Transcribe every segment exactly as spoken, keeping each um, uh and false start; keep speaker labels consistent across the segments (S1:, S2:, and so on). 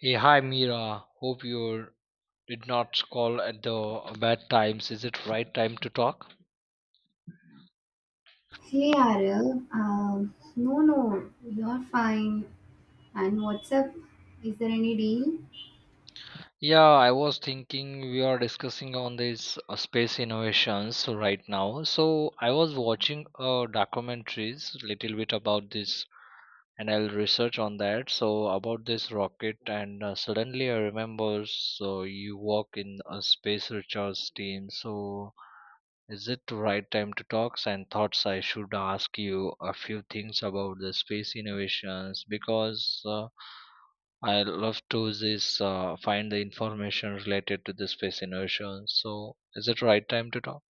S1: Hey, hi Mira. Hope you did not call at the bad times. Is it right time to talk?
S2: Hey Ariel, um, no, no, you're fine. And what's up? Is there any deal?
S1: Yeah, I was thinking we are discussing on this uh, space innovations right now. So I was watching uh, documentaries little bit about this, and I'll research on that. So about this rocket, and uh, suddenly I remember. So you work in a space research team. So is it the right time to talks and thoughts? I should ask you a few things about the space innovations because uh, I love to this uh, find the information related to the space innovations. So, is it right time to talk?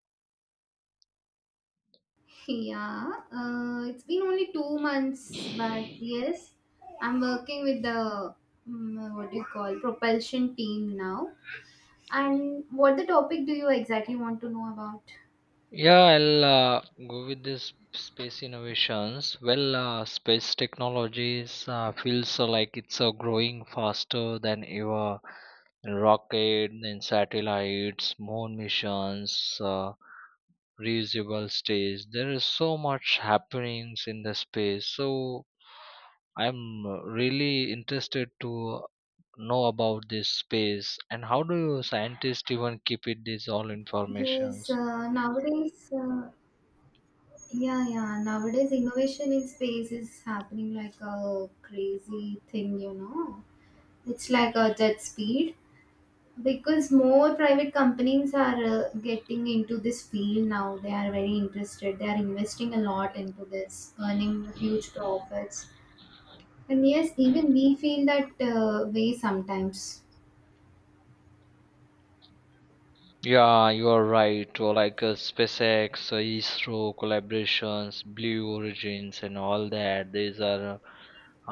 S2: Yeah, uh, it's been only two months, but yes, I'm working with the mm, what do you call propulsion team now. And what the topic do you exactly want to know about?
S1: Yeah, I'll uh, go with this space innovations. Well, uh, space technologies uh, feels uh, like it's uh, growing faster than ever. Rocket, then satellites, moon missions. Uh, reusable stage there is so much happenings in the space so I'm uh, really interested to know about this space and how do you scientists even keep it this all
S2: Yes,
S1: informations.
S2: uh, nowadays, uh, yeah, yeah, nowadays innovation in space is happening like a crazy thing, you know. It's like a jet speed because more private companies are uh, getting into this field now. They are very interested. They are investing a lot into this, earning huge profits. And yes, even we feel that uh, way sometimes.
S1: Yeah, you are right or like uh, SpaceX, uh, isro collaborations, Blue Origins and all that. These are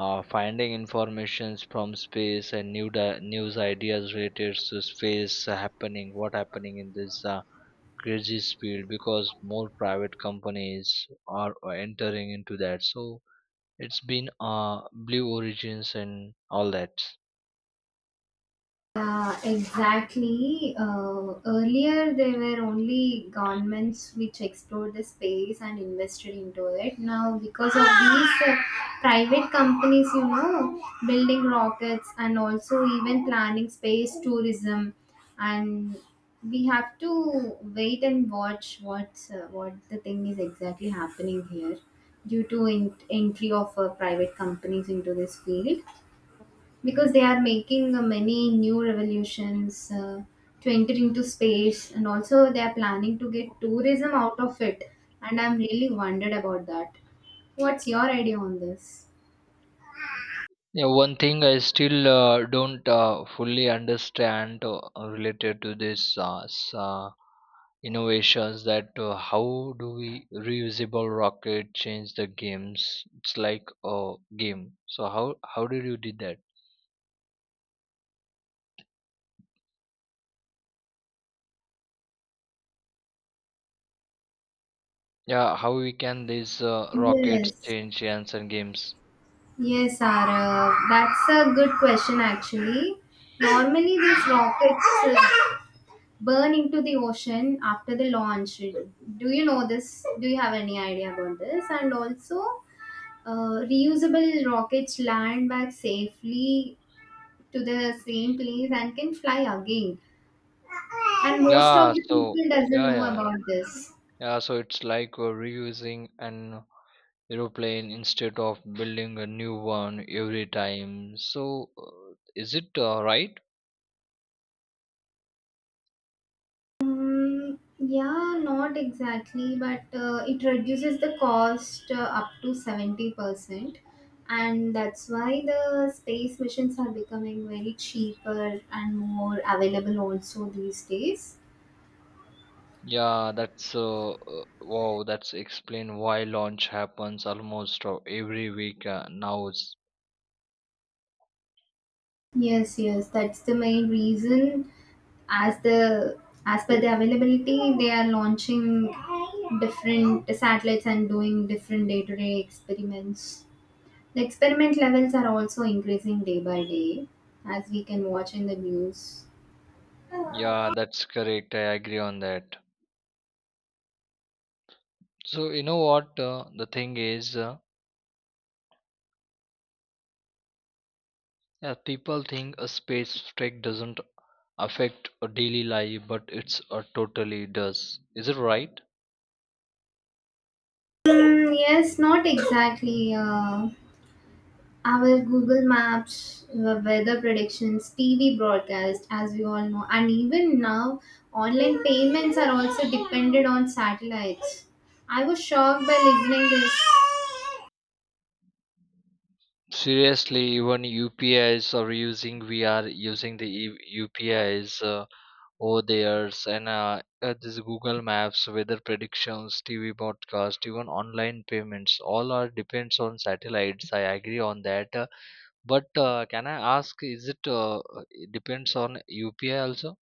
S1: uh, finding informations from space and new di- news ideas related to space happening, what happening in this uh, crazy speed because more private companies are entering into that. So it's been uh Blue Origins and all that.
S2: Yeah, exactly. Uh, earlier, there were only governments which explored the space and invested into it. Now, because of these uh, private companies, you know, building rockets and also even planning space tourism, and we have to wait and watch what's uh, what the thing is exactly happening here due to in- entry of uh, private companies into this field, because they are making uh, many new revolutions uh, to enter into space. And also they are planning to get tourism out of it, and I'm really wondered about that. What's your idea on this?
S1: Yeah, one thing I still uh, don't uh, fully understand uh, related to this uh, s- uh, innovations, that uh, how do we reusable rocket change the games? It's like a game. So how how did you did that? Yeah, how we can these uh, rockets
S2: Yes,
S1: change chance and games?
S2: yes, Sara. That's a good question, actually. Normally, these rockets uh, burn into the ocean after the launch. Do you know this? Do you have any idea about this? And also, Uh, reusable rockets land back safely to the same place and can fly again. And most of
S1: Yeah,
S2: the
S1: so
S2: people doesn't
S1: yeah,
S2: know
S1: yeah,
S2: about this.
S1: yeah. So it's like uh, reusing an aeroplane instead of building a new one every time. So uh, is it uh, right?
S2: Um, yeah, not exactly, but uh, it reduces the cost uh, up to seventy percent. And that's why the space missions are becoming very cheaper and more available also these days.
S1: Yeah, that's uh, uh, wow. That's explain why launch happens almost uh, every week uh, now.
S2: Yes, yes, that's the main reason. as the as per the availability, they are launching different satellites and doing different day-to-day experiments. The experiment levels are also increasing day by day, as we can watch in the news.
S1: Yeah, that's correct. I agree on that. So you know what? Uh, the thing is. Uh, Yeah, people think a space strike doesn't affect a daily life, but it's a totally does. Is it right?
S2: Hmm, yes, not exactly. Uh, our Google Maps, the weather predictions, TV broadcast, as we all know, and even now online payments are also dependent on satellites. I was shocked by listening this.
S1: Seriously, even U P Is are using. We are using the E- U P Is uh, over there, and uh, uh, this Google Maps, weather predictions, T V broadcast, even online payments. All are depends on satellites. I agree on that. Uh, but uh, can I ask? Is it uh, uh, depends on U P I also?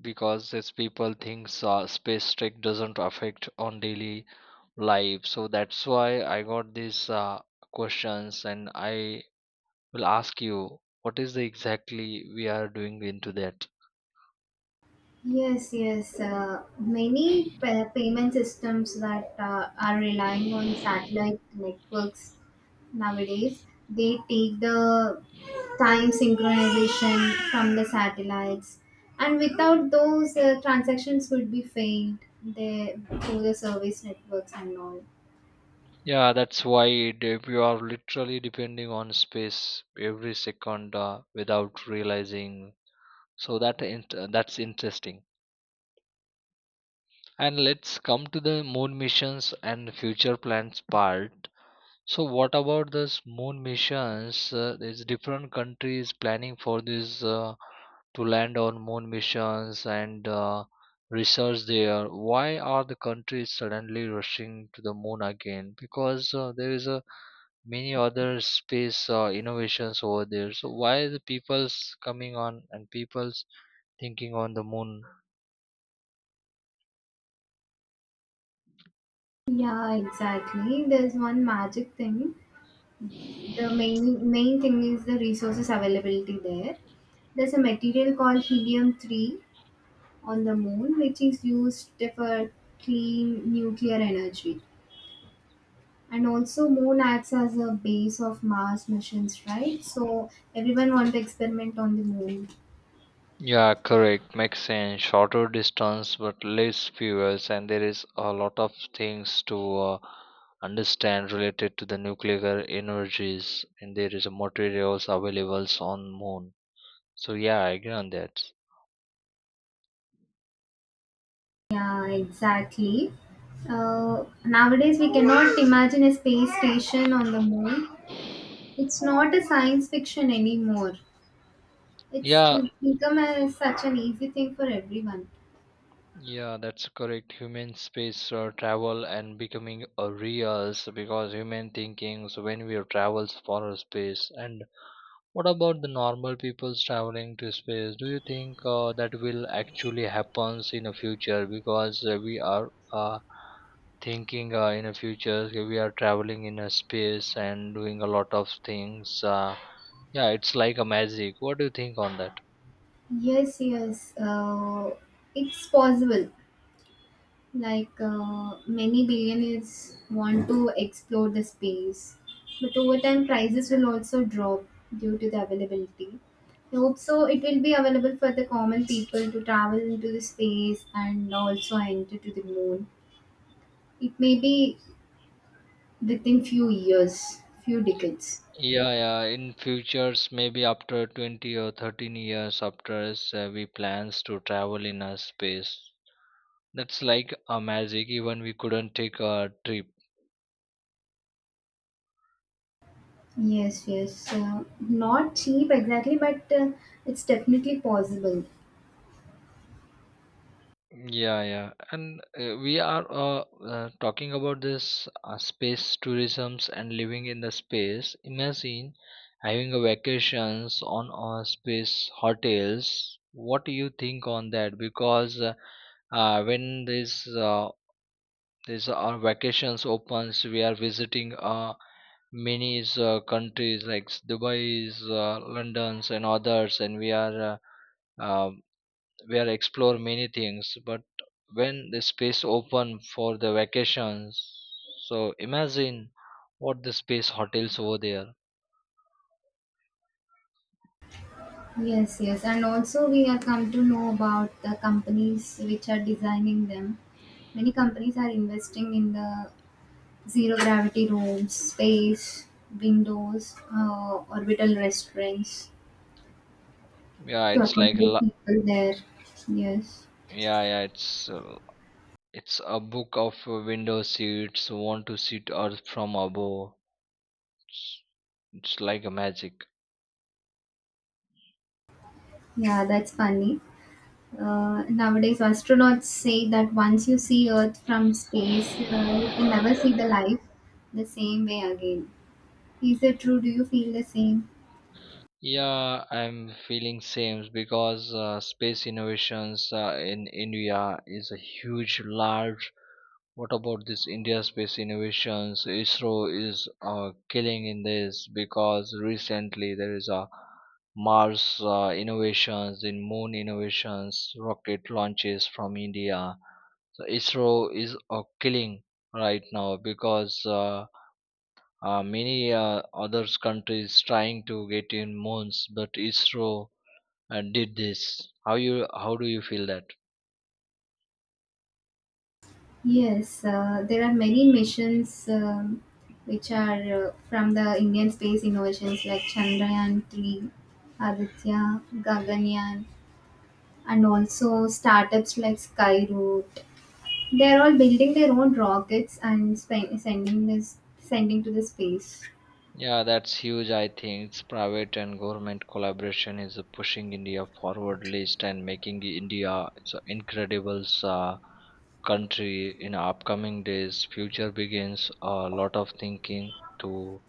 S1: Because it's people thinks uh, space trek doesn't affect on daily life, so that's why I got these uh, questions, and I will ask you what is the exactly we are doing into that.
S2: Yes, yes. Uh, many pa- payment systems that uh, are relying on satellite networks nowadays. They take the time synchronization from the satellites, and without those, uh, transactions would be failed there through the service networks and all.
S1: Yeah, that's why it- if you are literally depending on space every second uh, without realizing. So that int- uh, that's interesting. And let's come to the moon missions and future plans part. So what about this moon missions? Uh, there's different countries planning for this uh, to land on moon missions and uh, research there. Why are the countries suddenly rushing to the moon again? Because uh, there is a many other space uh, innovations over there. So why the people's coming on and people's thinking on the moon?
S2: Yeah, exactly. There's one magic thing. The main main thing is the resources availability there. There's a material called helium three on the moon, which is used for clean nuclear energy. And also, moon acts as a base of Mars missions, right? So everyone want to experiment on the moon.
S1: Yeah, correct. Makes sense. Shorter distance but less fuels, and there is a lot of things to uh, understand related to the nuclear energies, and there is a materials available on Moon. So yeah, I agree on that.
S2: Yeah, exactly. Uh, nowadays, we cannot imagine a space station on the moon. It's not a science fiction anymore. It's
S1: Yeah,
S2: it's become a such an easy thing for everyone.
S1: yeah, that's correct. Human space uh, travel and becoming a real because human thinking. So when we travels for a space and what about the normal people's traveling to space? Do you think uh, that will actually happens in the future? Because uh, we are uh, thinking uh, in the future so we are traveling in a space and doing a lot of things. Uh, yeah, it's like a magic. What do you think on that?
S2: Yes, yes. Uh, it's possible. like uh, many billionaires want to explore the space, but over time prices will also drop due to the availability. I hope so it will be available for the common people to travel into the space and also enter to the moon. It may be within few years, few decades.
S1: Yeah, yeah. In futures, maybe after twenty or thirteen years, after us, uh, we plans to travel in a space. That's like a magic. Even we couldn't take a trip.
S2: Yes, yes, uh, not cheap exactly, but uh, it's definitely possible.
S1: Yeah, yeah, and uh, we are uh, uh, talking about this uh, space tourisms and living in the space. Imagine having a vacations on uh, space hotels. What do you think on that? Because uh, uh, when this uh, this our vacations opens, we are visiting uh, many uh, countries like Dubai, uh, London's and others, and we are. Uh, uh, where I explore many things. But when the space open for the vacations, so imagine what the space hotels over there.
S2: Yes, yes, and also we have come to know about the companies which are designing them. Many companies are investing in the zero gravity rooms, space, windows, uh, orbital restaurants
S1: Yeah,
S2: to
S1: it's like
S2: accommodate
S1: la-
S2: people there. Yes,
S1: yeah, yeah, it's uh, it's a book of uh, window seats. Want to sit earth from above. It's like a magic.
S2: yeah, that's funny. Uh, nowadays, astronauts say that once you see Earth from space, uh, you can never see the life the same way again. Is it true? Do you feel the same?
S1: Yeah, I'm feeling same because uh, space innovations uh, in India is a huge, large. What about this India space innovations? ISRO is uh, killing in this because recently there is a Mars uh, innovations, in moon innovations, rocket launches from India. So ISRO is uh, killing right now because uh, uh, many uh, other countries trying to get in moons, but ISRO uh, did this. How you how do you feel that?
S2: Yes, uh, there are many missions um, which are uh, from the Indian space innovations like Chandrayaan three, Aditya, Gaganyaan, and also startups like Skyroot. They're all building their own rockets and spe- sending this sending to the space.
S1: Yeah, that's huge. I think it's private and government collaboration is uh, pushing India forward list and making India it's an incredible uh, country in upcoming days. Future begins a lot of thinking to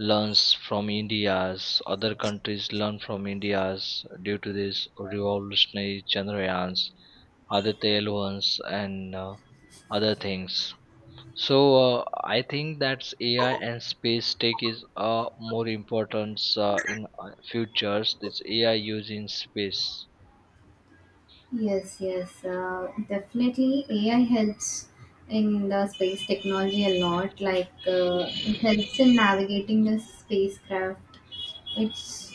S1: learns from India's, other countries learn from India's due to this revolutionary generations, other tailwinds and uh, other things. So uh, I think that's A I and space tech is uh, more important uh, in uh, futures. This A I use in space.
S2: Yes, yes, uh, definitely. A I helps in the space technology a lot. Like uh, it helps in navigating the spacecraft. It's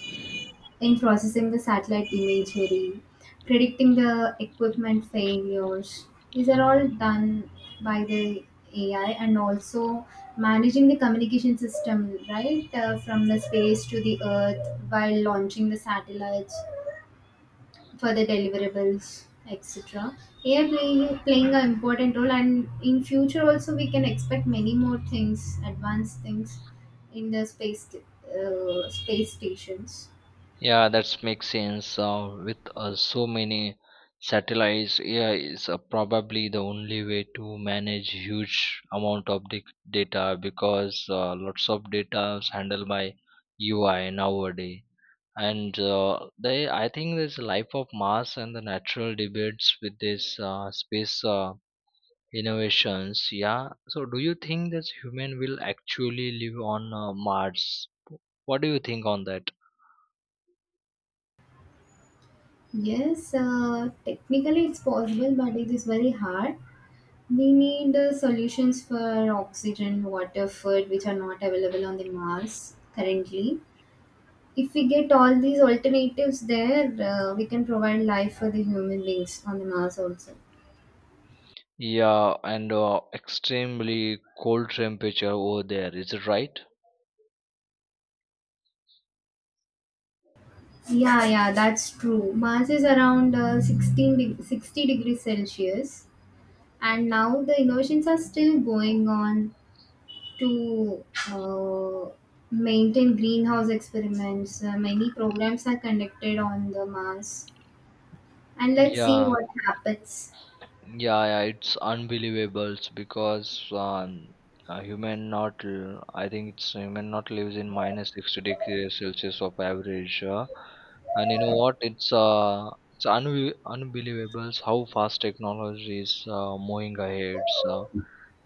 S2: in processing the satellite imagery, predicting the equipment failures. These are all done by the A I and also managing the communication system, right, uh, from the space to the earth while launching the satellites for the deliverables, et cetera. A I play, playing an important role, and in future also we can expect many more things, advanced things in the space uh, space stations.
S1: Yeah, that makes sense. Uh, with uh, so many satellites, A I is uh, probably the only way to manage huge amount of dic- data because uh, lots of data is handled by U I nowadays. And uh, they, I think there's life of Mars and the natural debates with this uh, space. Uh, Innovations, yeah. So, do you think that human will actually live on uh, Mars? What do you think on that?
S2: Yes, uh, technically it's possible, but it is very hard. We need uh, solutions for oxygen, water, food, which are not available on the Mars currently. If we get all these alternatives there, uh, we can provide life for the human beings on the Mars also.
S1: Yeah, and uh, extremely cold temperature over there. Is it right?
S2: Yeah, yeah, that's true. Mars is around uh, sixteen deg sixty degrees Celsius, and now the innovations are still going on to uh, maintain greenhouse experiments. Uh, many programs are conducted on the Mars, and let's see
S1: Yeah,
S2: what happens.
S1: yeah, yeah, it's unbelievable because um, a human not, l- I think it's human not lives in minus sixty degrees Celsius of average. Uh, and you know what? It's uh, it's unbe- unbelievable how fast technology is uh, moving ahead. So,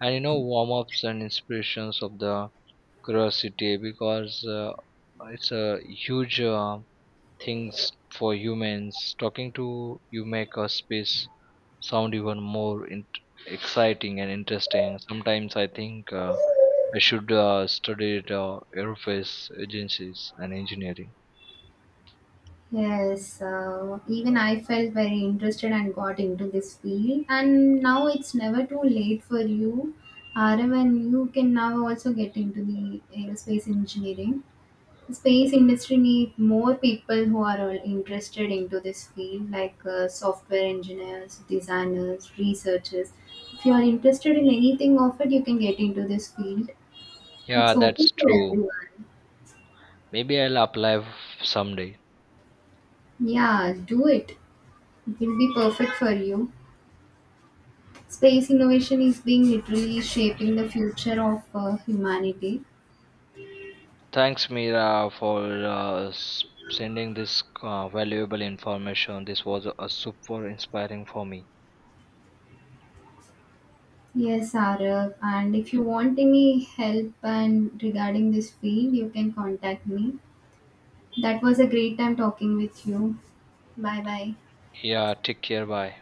S1: and you know, warm ups and inspirations of the curiosity because uh, it's a huge uh, things for humans. Talking to you make a space sound even more in- exciting and interesting. Sometimes I think uh, I should uh, study at, uh, aerospace agencies and engineering.
S2: Yes, uh, even I felt very interested and got into this field. And now it's never too late for you, Arav, and you can now also get into the aerospace engineering. Space industry need more people who are all interested into this field, like uh, software engineers, designers, researchers. If you are interested in anything of it, you can get into this field.
S1: Yeah,
S2: It's open
S1: that's
S2: for
S1: true.
S2: everyone.
S1: Maybe I'll apply f- someday.
S2: Yeah, do it. It will be perfect for you. Space innovation is being literally shaping the future of uh, humanity.
S1: Thanks, Mira, for uh, s- sending this uh, valuable information. This was a super inspiring for me.
S2: Yes, Arav, and if you want any help and regarding this field you can contact me. That was a great time talking with you. Bye bye.
S1: Yeah, take care. Bye.